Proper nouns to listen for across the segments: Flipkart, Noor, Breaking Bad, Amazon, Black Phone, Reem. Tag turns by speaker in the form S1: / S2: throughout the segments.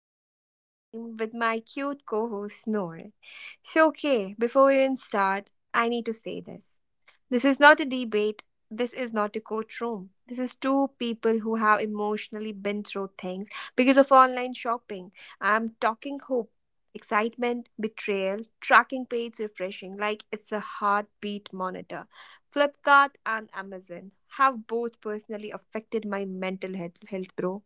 S1: I'm your host, Reem, with my cute co host, Noor. So, okay, before we even start, I need to say this. This is not a debate. This is not a courtroom. This is two people who have emotionally been through things because of online shopping. I'm talking hope, excitement, betrayal, tracking page refreshing like it's a heartbeat monitor. Flipkart and Amazon have both personally affected my mental health, bro.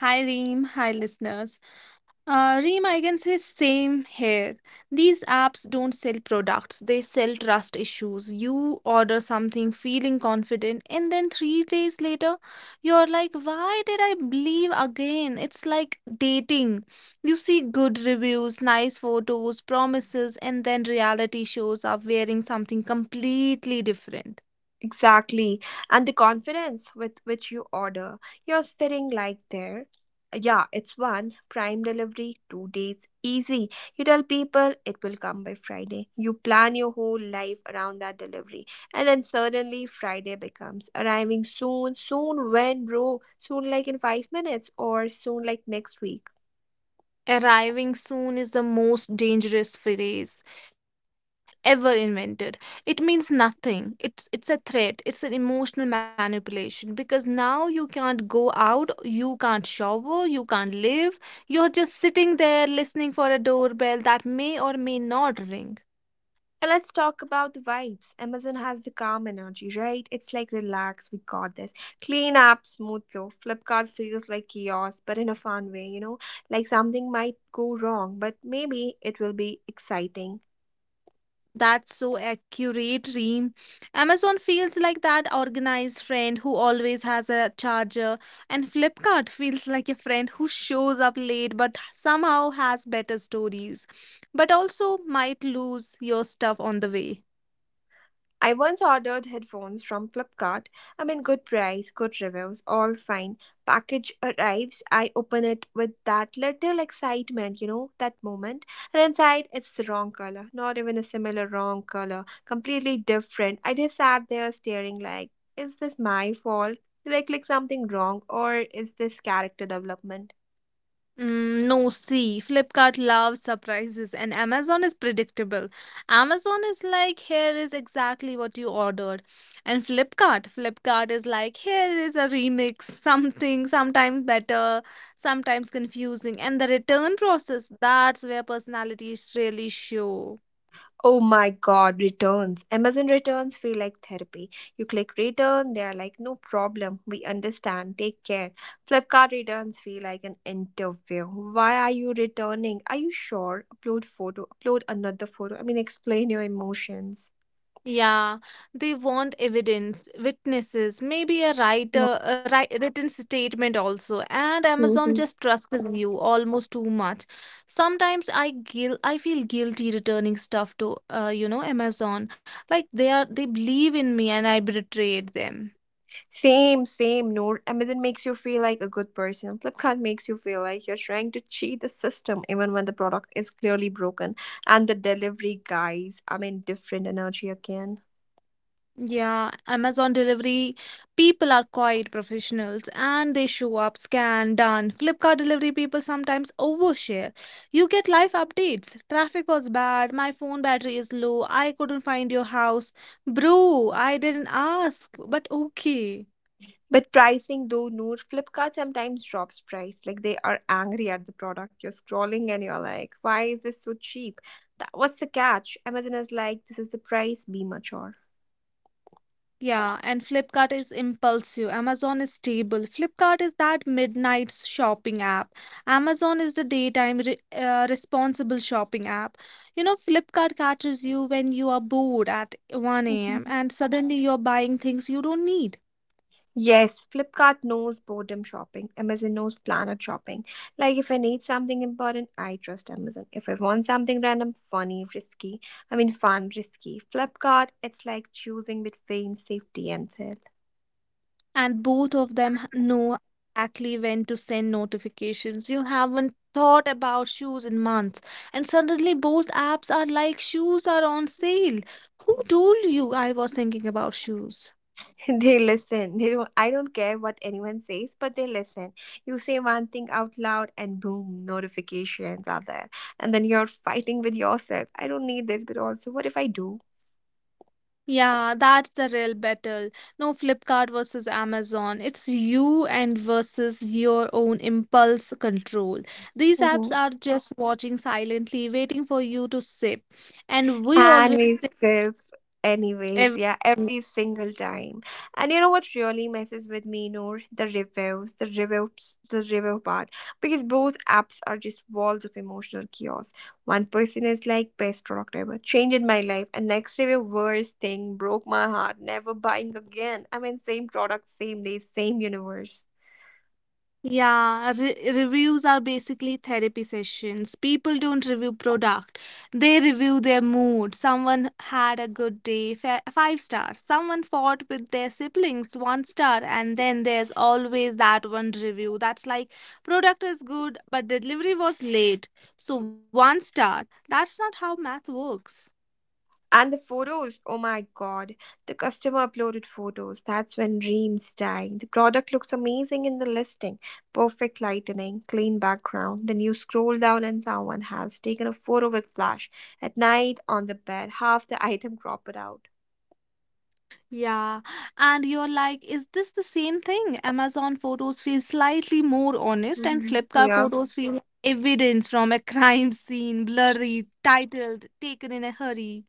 S2: Hi Reem, hi listeners. Reem, I can say same here. These apps don't sell products, they sell trust issues. You order something feeling confident, and then 3 days later, you're like, why did I believe again? It's like dating. You see good reviews, nice photos, promises, and then reality shows up wearing something completely different.
S1: Exactly. And the confidence with which you order. You're sitting like there. Yeah, it's one prime delivery, 2 days easy. You tell people it will come by Friday. You plan your whole life around that delivery. And then suddenly Friday becomes arriving soon. Soon when, bro? Soon like in 5 minutes or soon like next week.
S2: Arriving soon is the most dangerous phrase ever invented. It means nothing. It's a threat. It's an emotional manipulation because now you can't go out, you can't shower, you can't live. You're just sitting there listening for a doorbell that may or may not ring.
S1: And let's talk about the vibes. Amazon has the calm energy, right? It's like relax, we got this. Clean app, smooth flow. Flipkart feels like chaos, but in a fun way, you know? Like something might go wrong, but maybe it will be exciting.
S2: That's so accurate, Reem. Amazon feels like that organized friend who always has a charger, and Flipkart feels like a friend who shows up late but somehow has better stories, but also might lose your stuff on the way.
S1: I once ordered headphones from Flipkart. I mean, good price, good reviews, all fine. Package arrives. I open it with that little excitement, you know, that moment. And inside, it's the wrong color. Not even a similar wrong color. Completely different. I just sat there staring, like, is this my fault? Did I click something wrong? Or is this character development?
S2: Mm, no, see, Flipkart loves surprises and Amazon is predictable. Amazon is like, here is exactly what you ordered. And Flipkart is like, here is a remix, sometimes better, sometimes confusing. And the return process, that's where personalities really show.
S1: Oh my god, returns. Amazon returns feel like therapy. You click return, they are like, no problem. We understand. Take care. Flipkart returns feel like an interview. Why are you returning? Are you sure? Upload photo, upload another photo. I mean, explain your emotions.
S2: Yeah, they want evidence, witnesses, maybe a
S1: Yeah.
S2: writer, a wri- written statement also. And Amazon
S1: Mhm.
S2: just trusts you almost too much. Sometimes I feel guilty returning stuff to Amazon. Like they believe in me and I betrayed them.
S1: Same, same. No, Amazon makes you feel like a good person. Flipkart makes you feel like you're trying to cheat the system, even when the product is clearly broken. And the delivery guys, I mean, different energy again.
S2: Yeah, Amazon delivery people are quite professionals and they show up, scan, done. Flipkart delivery people sometimes overshare. You get live updates. Traffic was bad, my phone battery is low, I couldn't find your house. Bro, I didn't ask, but okay.
S1: But pricing though, Noor, Flipkart sometimes drops price. Like they are angry at the product. You're scrolling and you're like, why is this so cheap? That, what's the catch? Amazon is like, this is the price, be mature.
S2: Yeah, and Flipkart is impulsive. Amazon is stable. Flipkart is that midnight shopping app. Amazon is the daytime re responsible shopping app. You know, Flipkart catches you when you are bored at 1 a.m.
S1: Mm-hmm.
S2: and suddenly you're buying things you don't need.
S1: Yes, Flipkart knows boredom shopping. Amazon knows planet shopping. Like if I need something important, I trust Amazon. If I want something random, funny, risky, I mean fun, risky. Flipkart, it's like choosing between safety and thrill.
S2: And both of them know exactly when to send notifications. You haven't thought about shoes in months, and suddenly both apps are like shoes are on sale. Who told you I was thinking about shoes?
S1: They listen. They don't I don't care what anyone says, but they listen. You say one thing out loud and boom, notifications are there. And then you're fighting with yourself. I don't need this, but also what if I do?
S2: Yeah, that's the real battle. No Flipkart versus Amazon. It's you and versus your own impulse control. These
S1: Mhm.
S2: apps are just watching silently, waiting for you to sip. And we
S1: And
S2: always
S1: we
S2: sip
S1: sip, anyways,
S2: everything.
S1: yeah, every single time. And you know what really messes with me, Noor? The review part. Because both apps are just walls of emotional chaos. One person is like, best product ever, changed my life. And next review, worst thing, broke my heart, never buying again. I mean, same product, same day, same universe.
S2: Yeah, reviews are basically therapy sessions. People don't review product. They review their mood. Someone had a good day, five stars. Someone fought with their siblings, one star. And then there's always that one review that's like product is good, but delivery was late. So one star. That's not how math works.
S1: And the photos, oh my god, the customer uploaded photos. That's when dreams die. The product looks amazing in the listing perfect lighting, clean background. Then you scroll down and someone has taken a photo with flash. At night on the bed, half the item cropped out.
S2: Yeah, and you're like, is this the same thing? Amazon photos feel slightly more honest, and
S1: Mhm.
S2: Flipkart
S1: Yeah.
S2: photos feel like evidence from a crime scene, blurry, titled, taken in a hurry.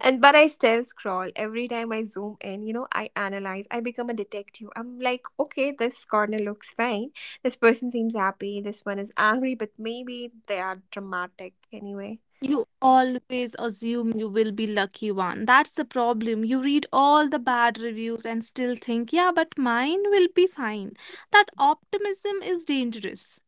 S1: And but I still scroll every time I zoom in, you know, I analyze, I become a detective. I'm like, okay, this corner looks fine. This person seems happy. This one is angry, but maybe they are dramatic anyway.
S2: You always assume you will be lucky one. That's the problem. You read all the bad reviews and still think, yeah, but mine will be fine. That optimism is dangerous.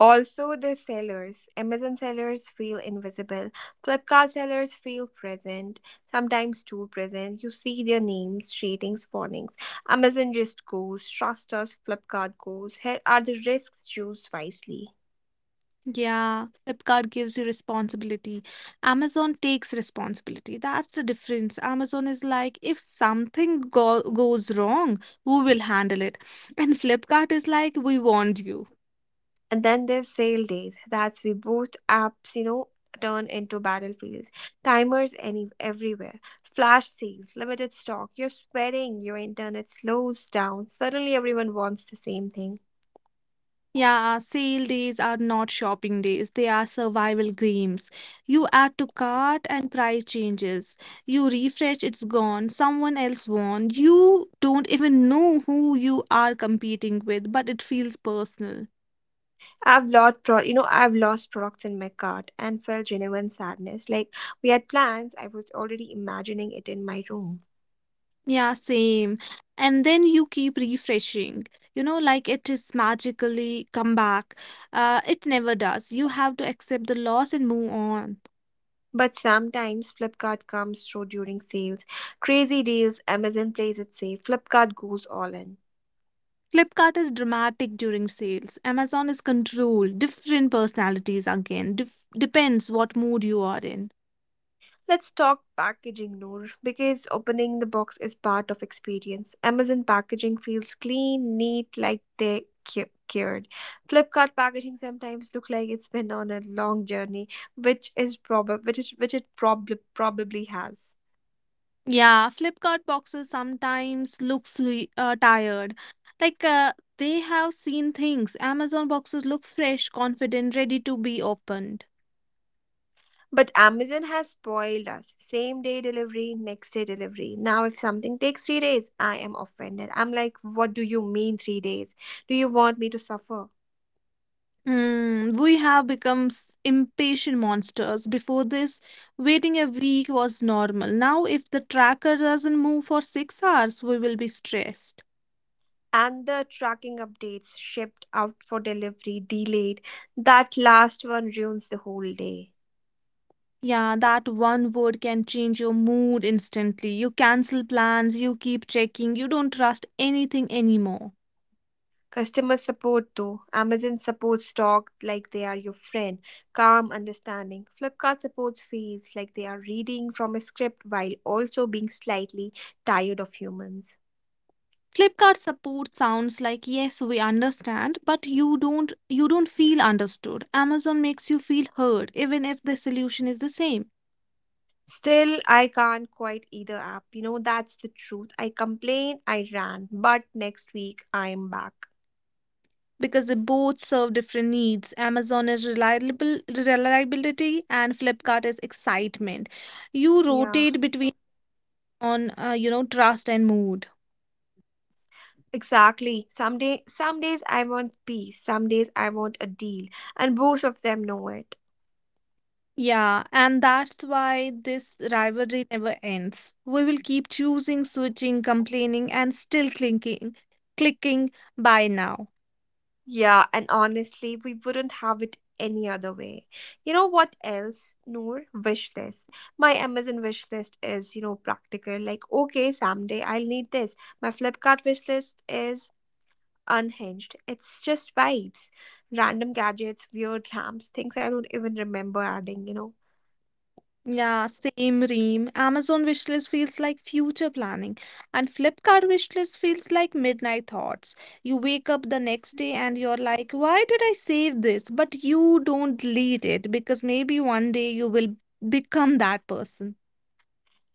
S1: Also, the sellers. Amazon sellers feel invisible. Flipkart sellers feel present, sometimes too present. You see their names, ratings, warnings. Amazon just goes, trust us, Flipkart goes. Here are the risks, choose wisely.
S2: Yeah, Flipkart gives you responsibility. Amazon takes responsibility. That's the difference. Amazon is like, if something go goes wrong, who will handle it? And Flipkart is like, we warned you.
S1: And then there's sale days. That's we both apps, you know, turn into battlefields. Timers any everywhere. Flash sales, limited stock. You're sweating. Your internet slows down. Suddenly everyone wants the same thing.
S2: Yeah, sale days are not shopping days. They are survival games. You add to cart and price changes. You refresh, it's gone. Someone else won. You don't even know who you are competing with, but it feels personal.
S1: I've lost products in my cart and felt genuine sadness. Like we had plans, I was already imagining it in my room.
S2: Yeah, same. And then you keep refreshing. You know, like it is magically come back. It never does. You have to accept the loss and move on.
S1: But sometimes Flipkart comes through during sales. Crazy deals, Amazon plays it safe, Flipkart goes all in.
S2: Flipkart is dramatic during sales. Amazon is controlled. Different personalities again. Depends what mood you are in.
S1: Let's talk packaging, Noor, because opening the box is part of experience. Amazon packaging feels clean, neat, like they cared. Flipkart packaging sometimes look like it's been on a long journey, which is prob which it prob- probably has.
S2: Yeah, Flipkart boxes sometimes look tired. Like they have seen things. Amazon boxes look fresh, confident, ready to be opened.
S1: But Amazon has spoiled us. Same day delivery, next day delivery. Now, if something takes 3 days, I am offended. I'm like, what do you mean 3 days? Do you want me to suffer?
S2: Hmm, we have become impatient monsters. Before this, waiting a week was normal. Now, if the tracker doesn't move for 6 hours, we will be stressed.
S1: And the tracking updates shipped out for delivery delayed. That last one ruins the whole day.
S2: Yeah, that one word can change your mood instantly. You cancel plans, you keep checking, you don't trust anything anymore.
S1: Customer support though. Amazon supports talk like they are your friend, calm, understanding. Flipkart supports feels like they are reading from a script while also being slightly tired of humans.
S2: Flipkart support sounds like yes, we understand, but you don't feel understood. Amazon makes you feel heard even if the solution is the same
S1: Still, I can't quite either app. You know, that's the truth. I complain, I ran, but next week I am back.
S2: because they both serve different needs. Amazon is reliable reliability and Flipkart is excitement. You
S1: Yeah,
S2: rotate between on trust and mood.
S1: exactly. Some days I want peace, some days I want a deal, and both of them know it.
S2: Yeah, and that's why this rivalry never ends. We will keep choosing, switching, complaining, and still clicking buy now.
S1: Yeah, and honestly, we wouldn't have it any other way. You know what else, Noor? Wish list. My Amazon wish list is, you know, practical. Like, okay, someday I'll need this. My Flipkart wish list is unhinged. It's just vibes, random gadgets, weird lamps, things I don't even remember adding, you know.
S2: Yeah, same ream. Amazon wishlist feels like future planning, and Flipkart wishlist feels like midnight thoughts. You wake up the next day and you're like, why did I save this? But you don't delete it because maybe one day you will become that person.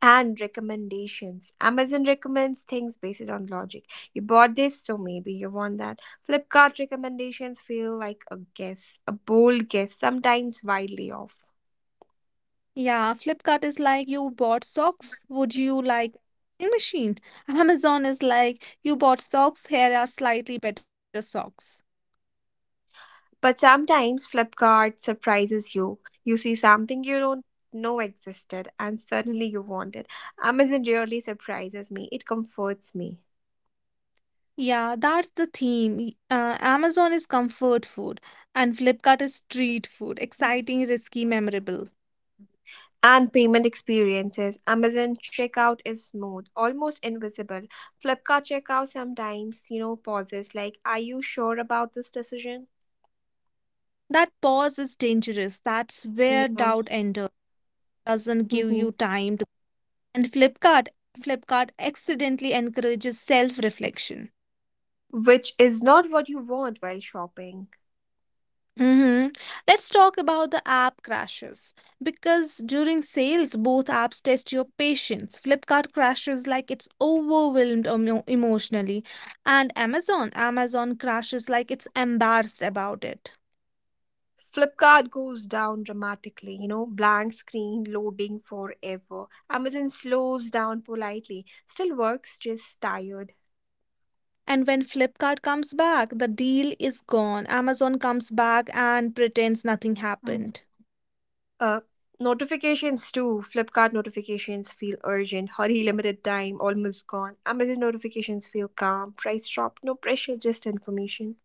S1: And recommendations. Amazon recommends things based on logic. You bought this, so maybe you want that. Flipkart recommendations feel like a guess, a bold guess, sometimes wildly off.
S2: Yeah, Flipkart is like you bought socks. Would you like a machine? Amazon is like you bought socks. Here are slightly better socks.
S1: But sometimes Flipkart surprises you. You see something you don't know existed and suddenly you want it. Amazon really surprises me, it comforts me.
S2: Yeah, that's the theme. Amazon is comfort food, and Flipkart is street food. Exciting, risky, memorable.
S1: And payment experiences. Amazon checkout is smooth, almost invisible. Flipkart checkout sometimes, you know, pauses like, are you sure about this decision?
S2: That pause is dangerous. That's where
S1: Yeah.
S2: doubt enters. Doesn't give you
S1: Hmm.
S2: time to. And Flipkart accidentally encourages self-reflection.
S1: Which is not what you want while shopping.
S2: Hmm. Let's talk about the app crashes because during sales, both apps test your patience. Flipkart crashes like it's overwhelmed emotionally, and Amazon crashes like it's embarrassed about it.
S1: Flipkart goes down dramatically, you know, blank screen loading forever. Amazon slows down politely, still works, just tired.
S2: And when Flipkart comes back, the deal is gone. Amazon comes back and pretends nothing
S1: And
S2: happened.
S1: uh, notifications too. Flipkart notifications feel urgent, hurry, limited time, almost gone. Amazon notifications feel calm, price drop, no pressure, just information.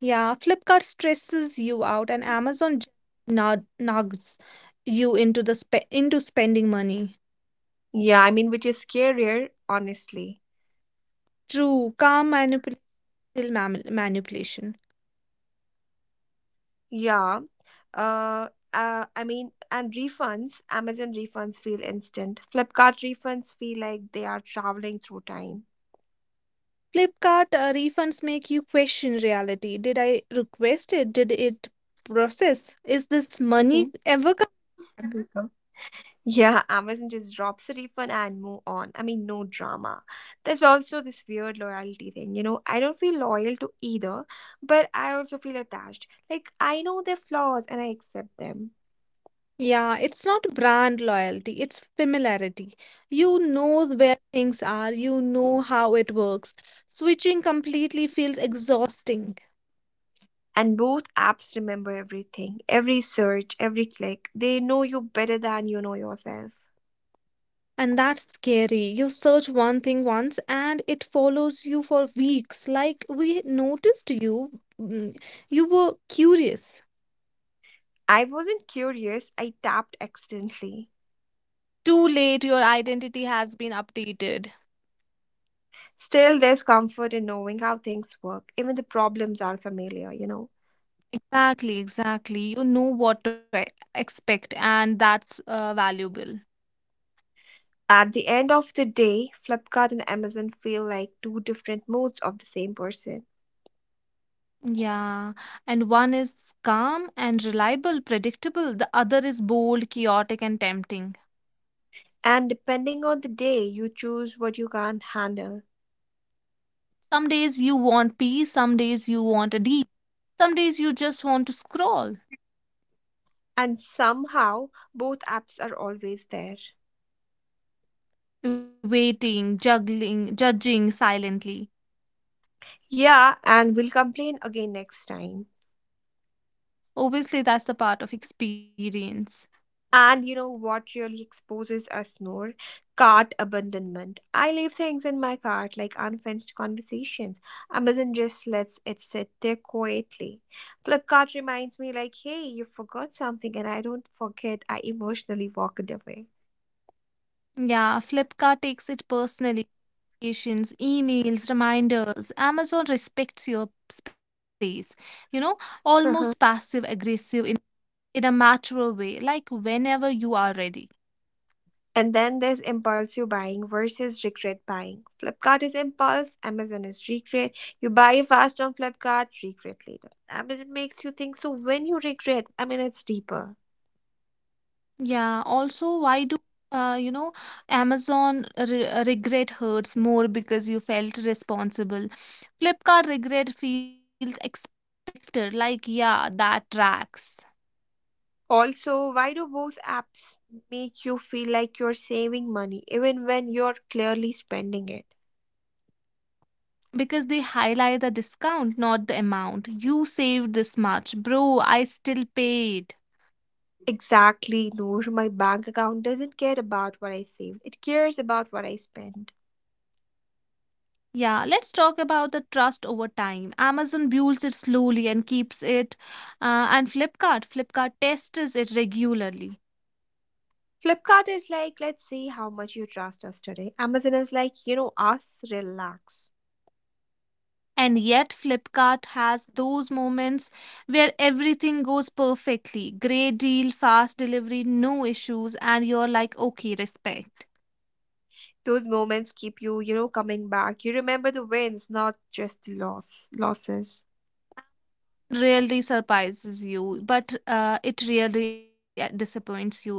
S2: Yeah, Flipkart stresses you out, and Amazon nods you into spending money.
S1: Yeah, I mean, which is scarier, honestly.
S2: True, calm manipulation.
S1: Yeah. I mean, and refunds, Amazon refunds feel instant. Flipkart refunds feel like they are traveling through time.
S2: Flipkart refunds make you question reality. Did I request it? Did it process? Is this money
S1: Mm-hmm.
S2: ever come back?
S1: Yeah, Amazon just drops the refund and move on. I mean, no drama. There's also this weird loyalty thing. You know, I don't feel loyal to either, but I also feel attached. Like, I know their flaws and I accept them.
S2: Yeah, it's not brand loyalty, it's familiarity. You know where things are, you know how it works. Switching completely feels exhausting.
S1: And both apps remember everything every search, every click. They know you better than you know yourself.
S2: And that's scary. You search one thing once and it follows you for weeks. Like we noticed you. You were curious.
S1: I wasn't curious, I tapped accidentally.
S2: Too late, your identity has been updated.
S1: Still, there's comfort in knowing how things work, even the problems are familiar, you know.
S2: Exactly, exactly. You know what to expect, and that's valuable.
S1: At the end of the day, Flipkart and Amazon feel like two different modes of the same person.
S2: Yeah, and one is calm and reliable, predictable, the other is bold, chaotic, and tempting.
S1: And depending on the day, you choose what you can't handle.
S2: Some days you want peace, some days you want a deep, some days you just want to scroll.
S1: And somehow, both apps are always there.
S2: Waiting, juggling, judging silently.
S1: Yeah, and we'll complain again next time.
S2: Obviously, that's the part of experience.
S1: And you know what really exposes us more? Cart abandonment. I leave things in my cart like unfinished conversations. Amazon just lets it sit there quietly. Flipkart reminds me, like, hey, you forgot something, and I don't forget. I emotionally walk it away.
S2: Yeah, Flipkart takes it personally. Notifications, emails, reminders. Amazon respects your space. You know, almost
S1: Uh-huh.
S2: passive aggressive in a mature way, like whenever you are ready.
S1: And then there's impulsive buying versus regret buying. Flipkart is impulse, Amazon is regret. You buy fast on Flipkart, regret later. Amazon makes you think so when you regret, I mean, it's deeper.
S2: Yeah, also, why do uh, you know Amazon re regret hurts more because you felt responsible? Flipkart regret feels expected, like, yeah, that tracks.
S1: Also, why do both apps make you feel like you're saving money even when you're clearly spending it?
S2: Because they highlight the discount, not the amount. You saved this much, bro, I still paid.
S1: Exactly, Noor. My bank account doesn't care about what I save, it cares about what I spend.
S2: Yeah, let's talk about the trust over time. Amazon builds it slowly and keeps it, and Flipkart tests it regularly.
S1: Flipkart is like, let's see how much you trust us today. Amazon is like, you know, us, relax.
S2: And yet, Flipkart has those moments where everything goes perfectly. Great deal, fast delivery, no issues, and you're like, okay, respect.
S1: Those moments keep you, you know, coming back. You remember the wins, not just the losses.
S2: Really surprises you, but it really disappoints you either.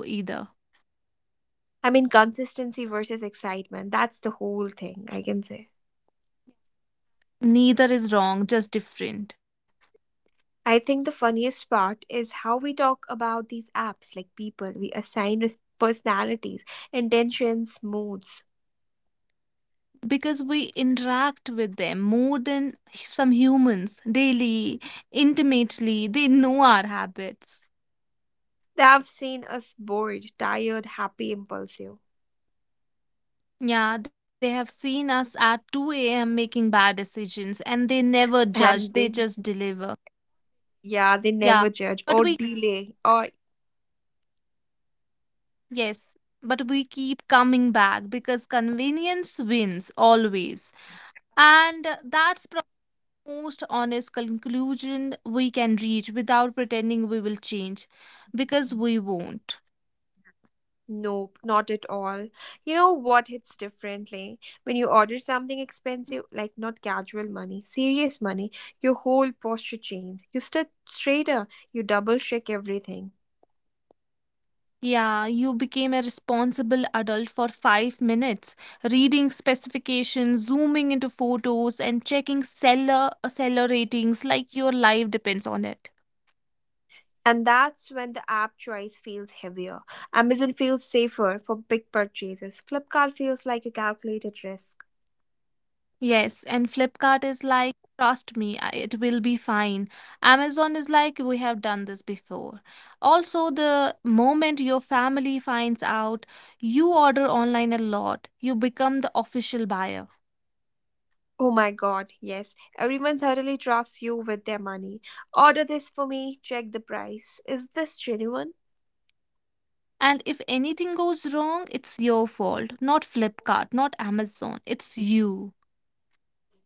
S1: I mean, consistency versus excitement. That's the whole thing, I can say.
S2: Neither is wrong, just different.
S1: I think the funniest part is how we talk about these apps like people. We assign personalities, intentions, moods.
S2: Because we interact with them more than some humans daily, intimately, they know our habits.
S1: They have seen us bored, tired, happy, impulsive.
S2: Yeah, they have seen us at 2 a.m. making bad decisions and they never judge, they
S1: And they,
S2: just deliver.
S1: yeah, they
S2: Yeah,
S1: never judge
S2: but
S1: or
S2: we,
S1: delay or.
S2: yes, but we keep coming back because convenience wins always. And that's the most honest conclusion we can reach without pretending we will change because we won't.
S1: Nope, not at all. You know what hits differently? When you order something expensive, like not casual money, serious money, your whole posture changes. You start straighter, you double check everything.
S2: Yeah, you became a responsible adult for 5 minutes, reading specifications, zooming into photos, and checking seller ratings like your life depends on it.
S1: And that's when the app choice feels heavier. Amazon feels safer for big purchases. Flipkart feels like a calculated risk.
S2: Yes, and Flipkart is like, trust me, it will be fine. Amazon is like, we have done this before. Also, the moment your family finds out you order online a lot, you become the official buyer.
S1: Oh my god, yes, everyone thoroughly trusts you with their money. Order this for me, check the price. Is this genuine?
S2: And if anything goes wrong, it's your fault, not Flipkart, not Amazon. It's you.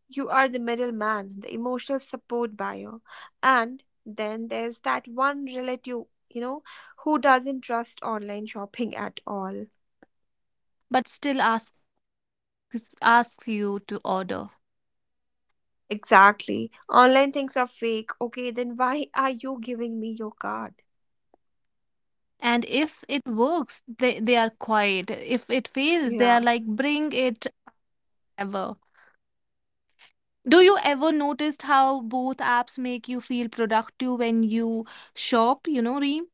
S1: You are the middleman, the emotional support buyer. And then there's that one relative, you know, who doesn't trust online shopping at all.
S2: But still asks you to order.
S1: Exactly. Online things are fake. Okay, then why are you giving me your card?
S2: And if it works, they are quiet. If it fails, they
S1: Yeah.
S2: are like, bring it ever. Do you ever noticed how both apps make you feel productive when you shop, Reem?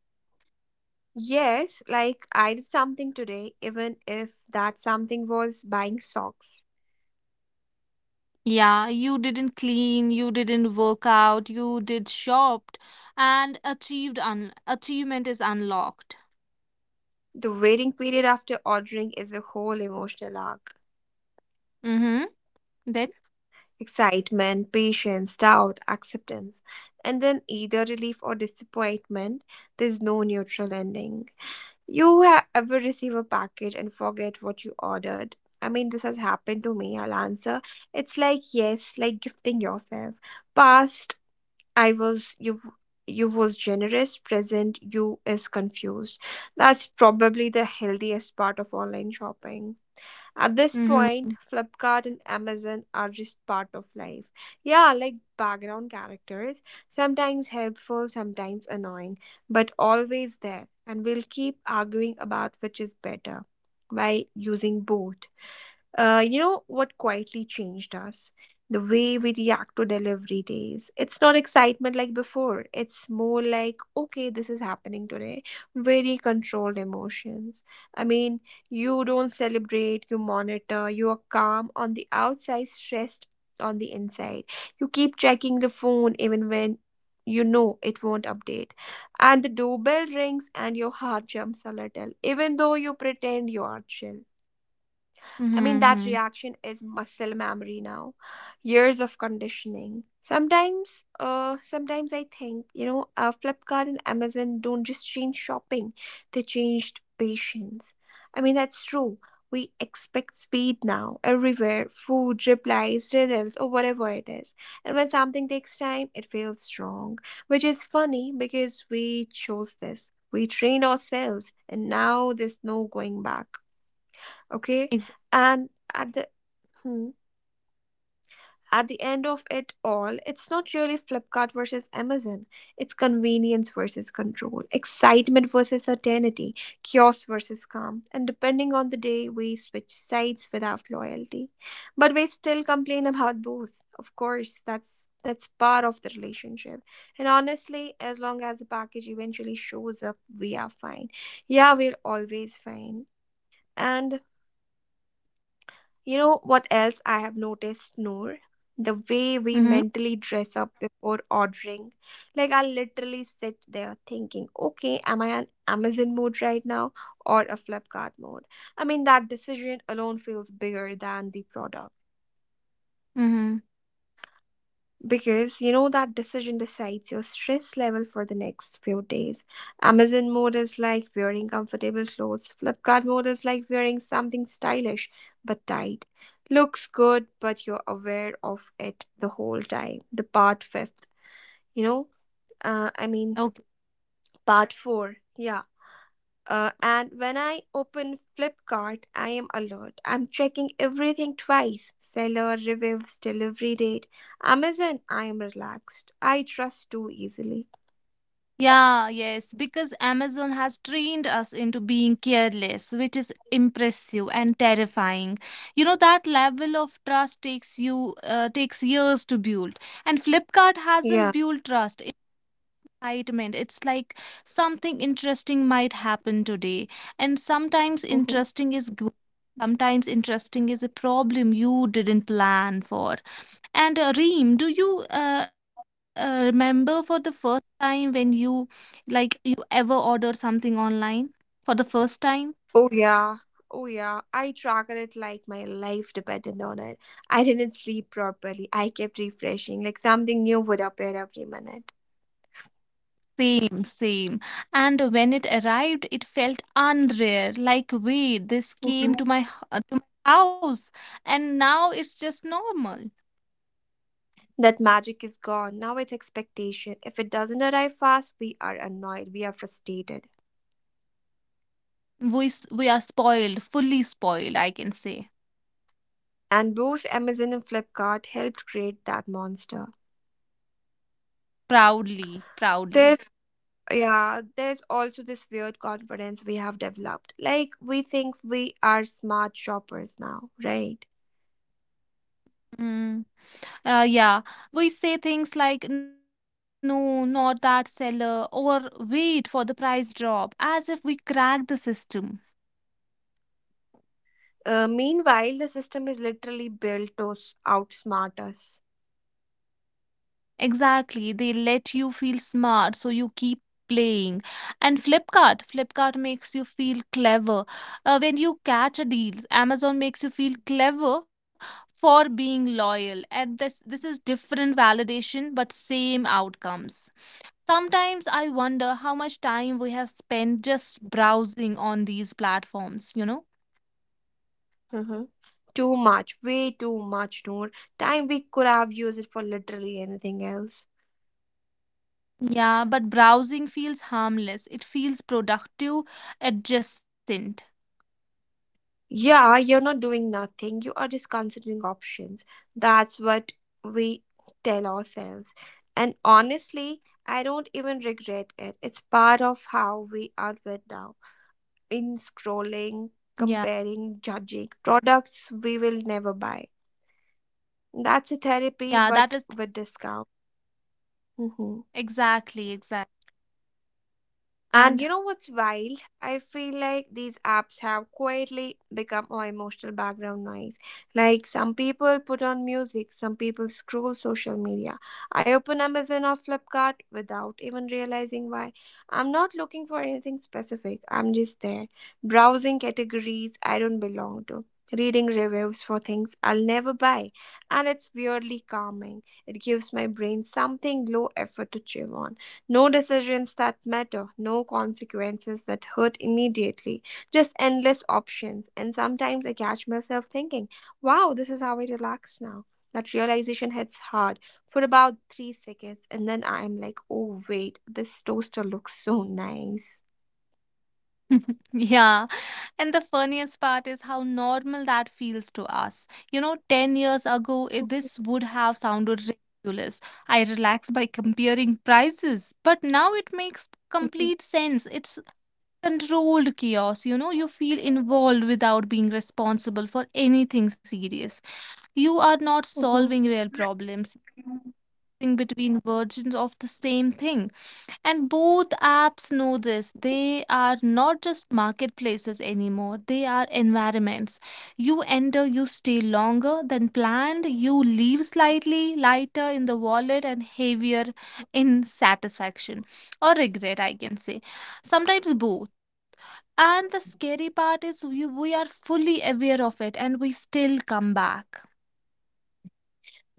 S1: Yes, like I did something today, even if that something was buying socks.
S2: Yeah, you didn't clean, you didn't work out, you did shopped and achieved un achievement is unlocked.
S1: The waiting period after ordering is a whole emotional arc.
S2: Mm-hmm. Then.
S1: Excitement, patience, doubt, acceptance, and then either relief or disappointment. There's no neutral ending. Ever receive a package and forget what you ordered? I mean, this has happened to me. I'll answer. It's like yes, like gifting yourself. Past, I was you. You was generous. Present, you is confused. That's probably the healthiest part of online shopping. At this
S2: Mhm.
S1: point,
S2: Mhm.
S1: Flipkart and Amazon are just part of life. Yeah, like background characters, sometimes helpful, sometimes annoying, but always there. And we'll keep arguing about which is better while using both. You know what quietly changed us? The way we react to delivery days. It's not excitement like before. It's more like, okay, this is happening today. Very controlled emotions. I mean, you don't celebrate, you monitor, you are calm on the outside, stressed on the inside. You keep checking the phone even when you know it won't update. And the doorbell rings and your heart jumps a little, even though you pretend you are chill. I mean, that
S2: Mhm.
S1: reaction is muscle memory now. Years of conditioning. Sometimes I think, Flipkart and Amazon don't just change shopping; they changed patience. I mean, that's true. We expect speed now, everywhere, food, replies, riddles, or whatever it is. And when something takes time, it feels wrong, which is funny because we chose this. We trained ourselves, and now there's no going back. Okay.
S2: Exactly.
S1: And at the, hmm, at the end of it all, it's not really Flipkart versus Amazon. It's convenience versus control, excitement versus certainty, chaos versus calm, and depending on the day we switch sides without loyalty. But we still complain about both. Of course, that's part of the relationship. And honestly, as long as the package eventually shows up, we are fine. Yeah, we're always fine. And you know what else I have noticed, Noor? The way we
S2: Mhm.
S1: mentally dress up before ordering. Like I literally sit there thinking, okay, am I an Amazon mode right now or a Flipkart mode? I mean, that decision alone feels bigger than the product.
S2: Mhm.
S1: Because you know that decision decides your stress level for the next few days. Amazon mode is like wearing comfortable clothes, Flipkart mode is like wearing something stylish but tight. Looks good, but you're aware of it the whole time. The part fifth, you know, uh, I mean,
S2: Okay.
S1: part four. Yeah. And when I open Flipkart, I am alert. I'm checking everything twice: seller, reviews, delivery date. Amazon, I am relaxed. I trust too easily.
S2: Yeah, yes, because Amazon has trained us into being careless, which is impressive and terrifying. You know that level of trust takes years to build, and Flipkart hasn't
S1: Yeah.
S2: built trust. It's excitement. It's like something interesting might happen today, and sometimes
S1: Mhm.
S2: interesting is good. Sometimes interesting is a problem you didn't plan for. And Reem, do you remember for the first time when you like you ever ordered something online for the first time?
S1: Oh, yeah. Oh, yeah. I tracked it like my life depended on it. I didn't sleep properly. I kept refreshing, like something new would appear every minute.
S2: Same, same. And when it arrived, it felt unreal. Like, wait, this came
S1: Mhm.
S2: to my house, and now it's just normal.
S1: That magic is gone. Now it's expectation. If it doesn't arrive fast, we are annoyed. We are frustrated.
S2: We are spoiled, fully spoiled, I can say.
S1: And both Amazon and Flipkart helped create that monster.
S2: Proudly, proudly.
S1: There's, yeah, there's also this weird confidence we have developed. Like we think we are smart shoppers now, right?
S2: Hmm. Yeah, we say things like no, not that seller, or wait for the price drop, as if we cracked the system.
S1: Meanwhile, the system is literally built to outsmart us.
S2: Exactly, they let you feel smart, so you keep playing. And Flipkart makes you feel clever. When you catch a deal, Amazon makes you feel clever for being loyal. And this is different validation, but same outcomes. Sometimes I wonder how much time we have spent just browsing on these platforms, you know?
S1: Hmm. Too much, way too much, Noor. Time we could have used it for literally anything else.
S2: Yeah, but browsing feels harmless. It feels productive, adjacent.
S1: Yeah, you're not doing nothing. You are just considering options. That's what we tell ourselves. And honestly, I don't even regret it. It's part of how we are right now. In scrolling,
S2: Yeah,
S1: comparing, judging products we will never buy. That's a therapy,
S2: yeah,
S1: but with discount. Mhm.
S2: exactly, exactly.
S1: And you
S2: And
S1: know what's wild? I feel like these apps have quietly become our emotional background noise. Like some people put on music, some people scroll social media. I open Amazon or Flipkart without even realizing why. I'm not looking for anything specific, I'm just there, browsing categories I don't belong to. Reading reviews for things I'll never buy, and it's weirdly calming. It gives my brain something low effort to chew on. No decisions that matter, no consequences that hurt immediately, just endless options. And sometimes I catch myself thinking, wow, this is how I relax now. That realization hits hard for about 3 seconds, and then I am like, oh, wait, this toaster looks so nice.
S2: yeah. And the funniest part is how normal that feels to us. You know, 10 years ago, this would have sounded ridiculous. I relax by comparing prices, but now it makes
S1: Mhm.
S2: complete sense. It's controlled chaos. You know, you feel involved without being responsible for anything serious. You are not
S1: Mhm.
S2: solving real problems, you between versions of the same thing. And both apps know this. They are not just marketplaces anymore, they are environments. You enter, you stay longer than planned, you leave slightly lighter in the wallet and heavier in satisfaction or regret, I can say. Sometimes both. And the scary part is we are fully aware of it and we still come back.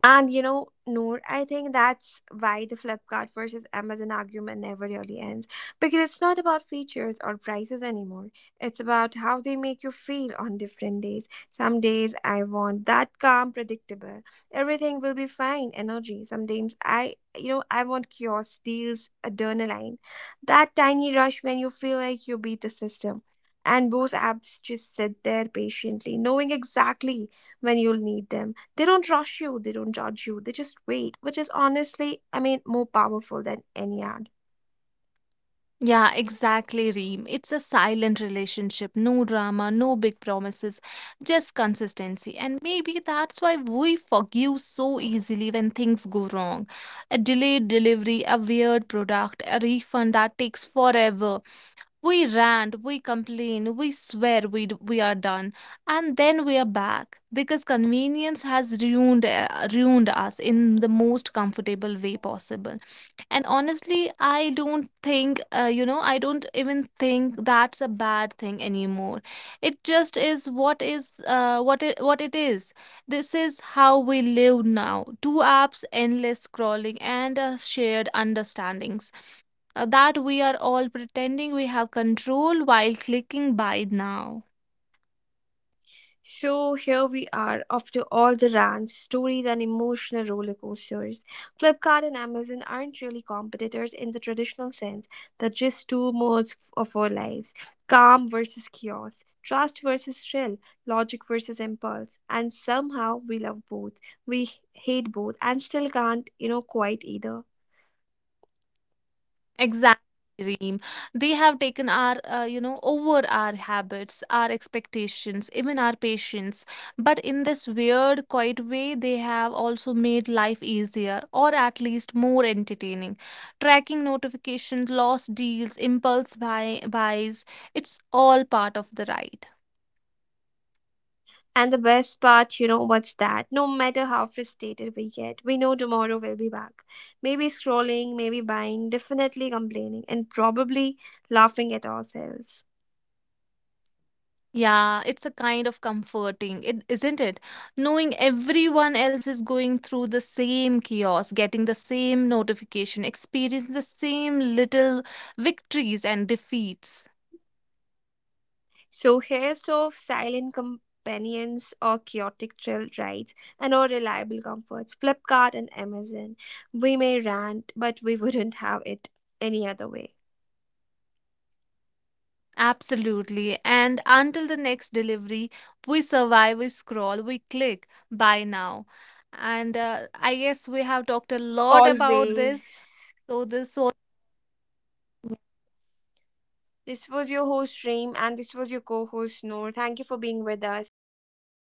S1: And you know, Noor, I think that's why the Flipkart versus Amazon argument never really ends. Because it's not about features or prices anymore. It's about how they make you feel on different days. Some days I want that calm, predictable. Everything will be fine, energy. Some days I I want chaos, deals, adrenaline. That tiny rush when you feel like you beat the system. And both apps just sit there patiently, knowing exactly when you'll need them. They don't rush you, they don't judge you, they just wait, which is honestly, I mean, more powerful than any ad.
S2: Yeah, exactly, Reem. It's a silent relationship. No drama, no big promises, just consistency. And maybe that's why we forgive so easily when things go wrong. A delayed delivery, a weird product, a refund that takes forever. We rant, we complain, we swear we are done. And then we are back because convenience has ruined us in the most comfortable way possible. And honestly, I don't even think that's a bad thing anymore. It just is what is, what it is. This is how we live now. Two apps, endless scrolling, and shared understandings that we are all pretending we have control while clicking buy now.
S1: So here we are, after all the rants, stories, and emotional roller coasters. Flipkart and Amazon aren't really competitors in the traditional sense, they're just two modes of our lives: calm versus chaos, trust versus thrill, logic versus impulse. And somehow we love both, we hate both, and still can't, you know, quite either.
S2: Exactly, Reem. They have taken over our habits, our expectations, even our patience. But in this weird, quiet way, they have also made life easier or at least more entertaining. Tracking notifications, lost deals, impulse buys, it's all part of the ride.
S1: And the best part, you know, what's that? No matter how frustrated we get, we know tomorrow we'll be back. Maybe scrolling, maybe buying, definitely complaining, and probably laughing at ourselves.
S2: Yeah, it's a kind of comforting, isn't it? Knowing everyone else is going through the same chaos, getting the same notification, experiencing the same little victories and defeats.
S1: So, here's of silent companions or chaotic thrill rides and or reliable comforts, Flipkart and Amazon. We may rant, but we wouldn't have it any other way.
S2: Absolutely. And until the next delivery, we survive, we scroll, we click buy now. And I guess we have talked a lot about
S1: Always.
S2: this. So this was.
S1: This was your host, Reem, and this was your co host, Noor. Thank you for being with us. Bye bye.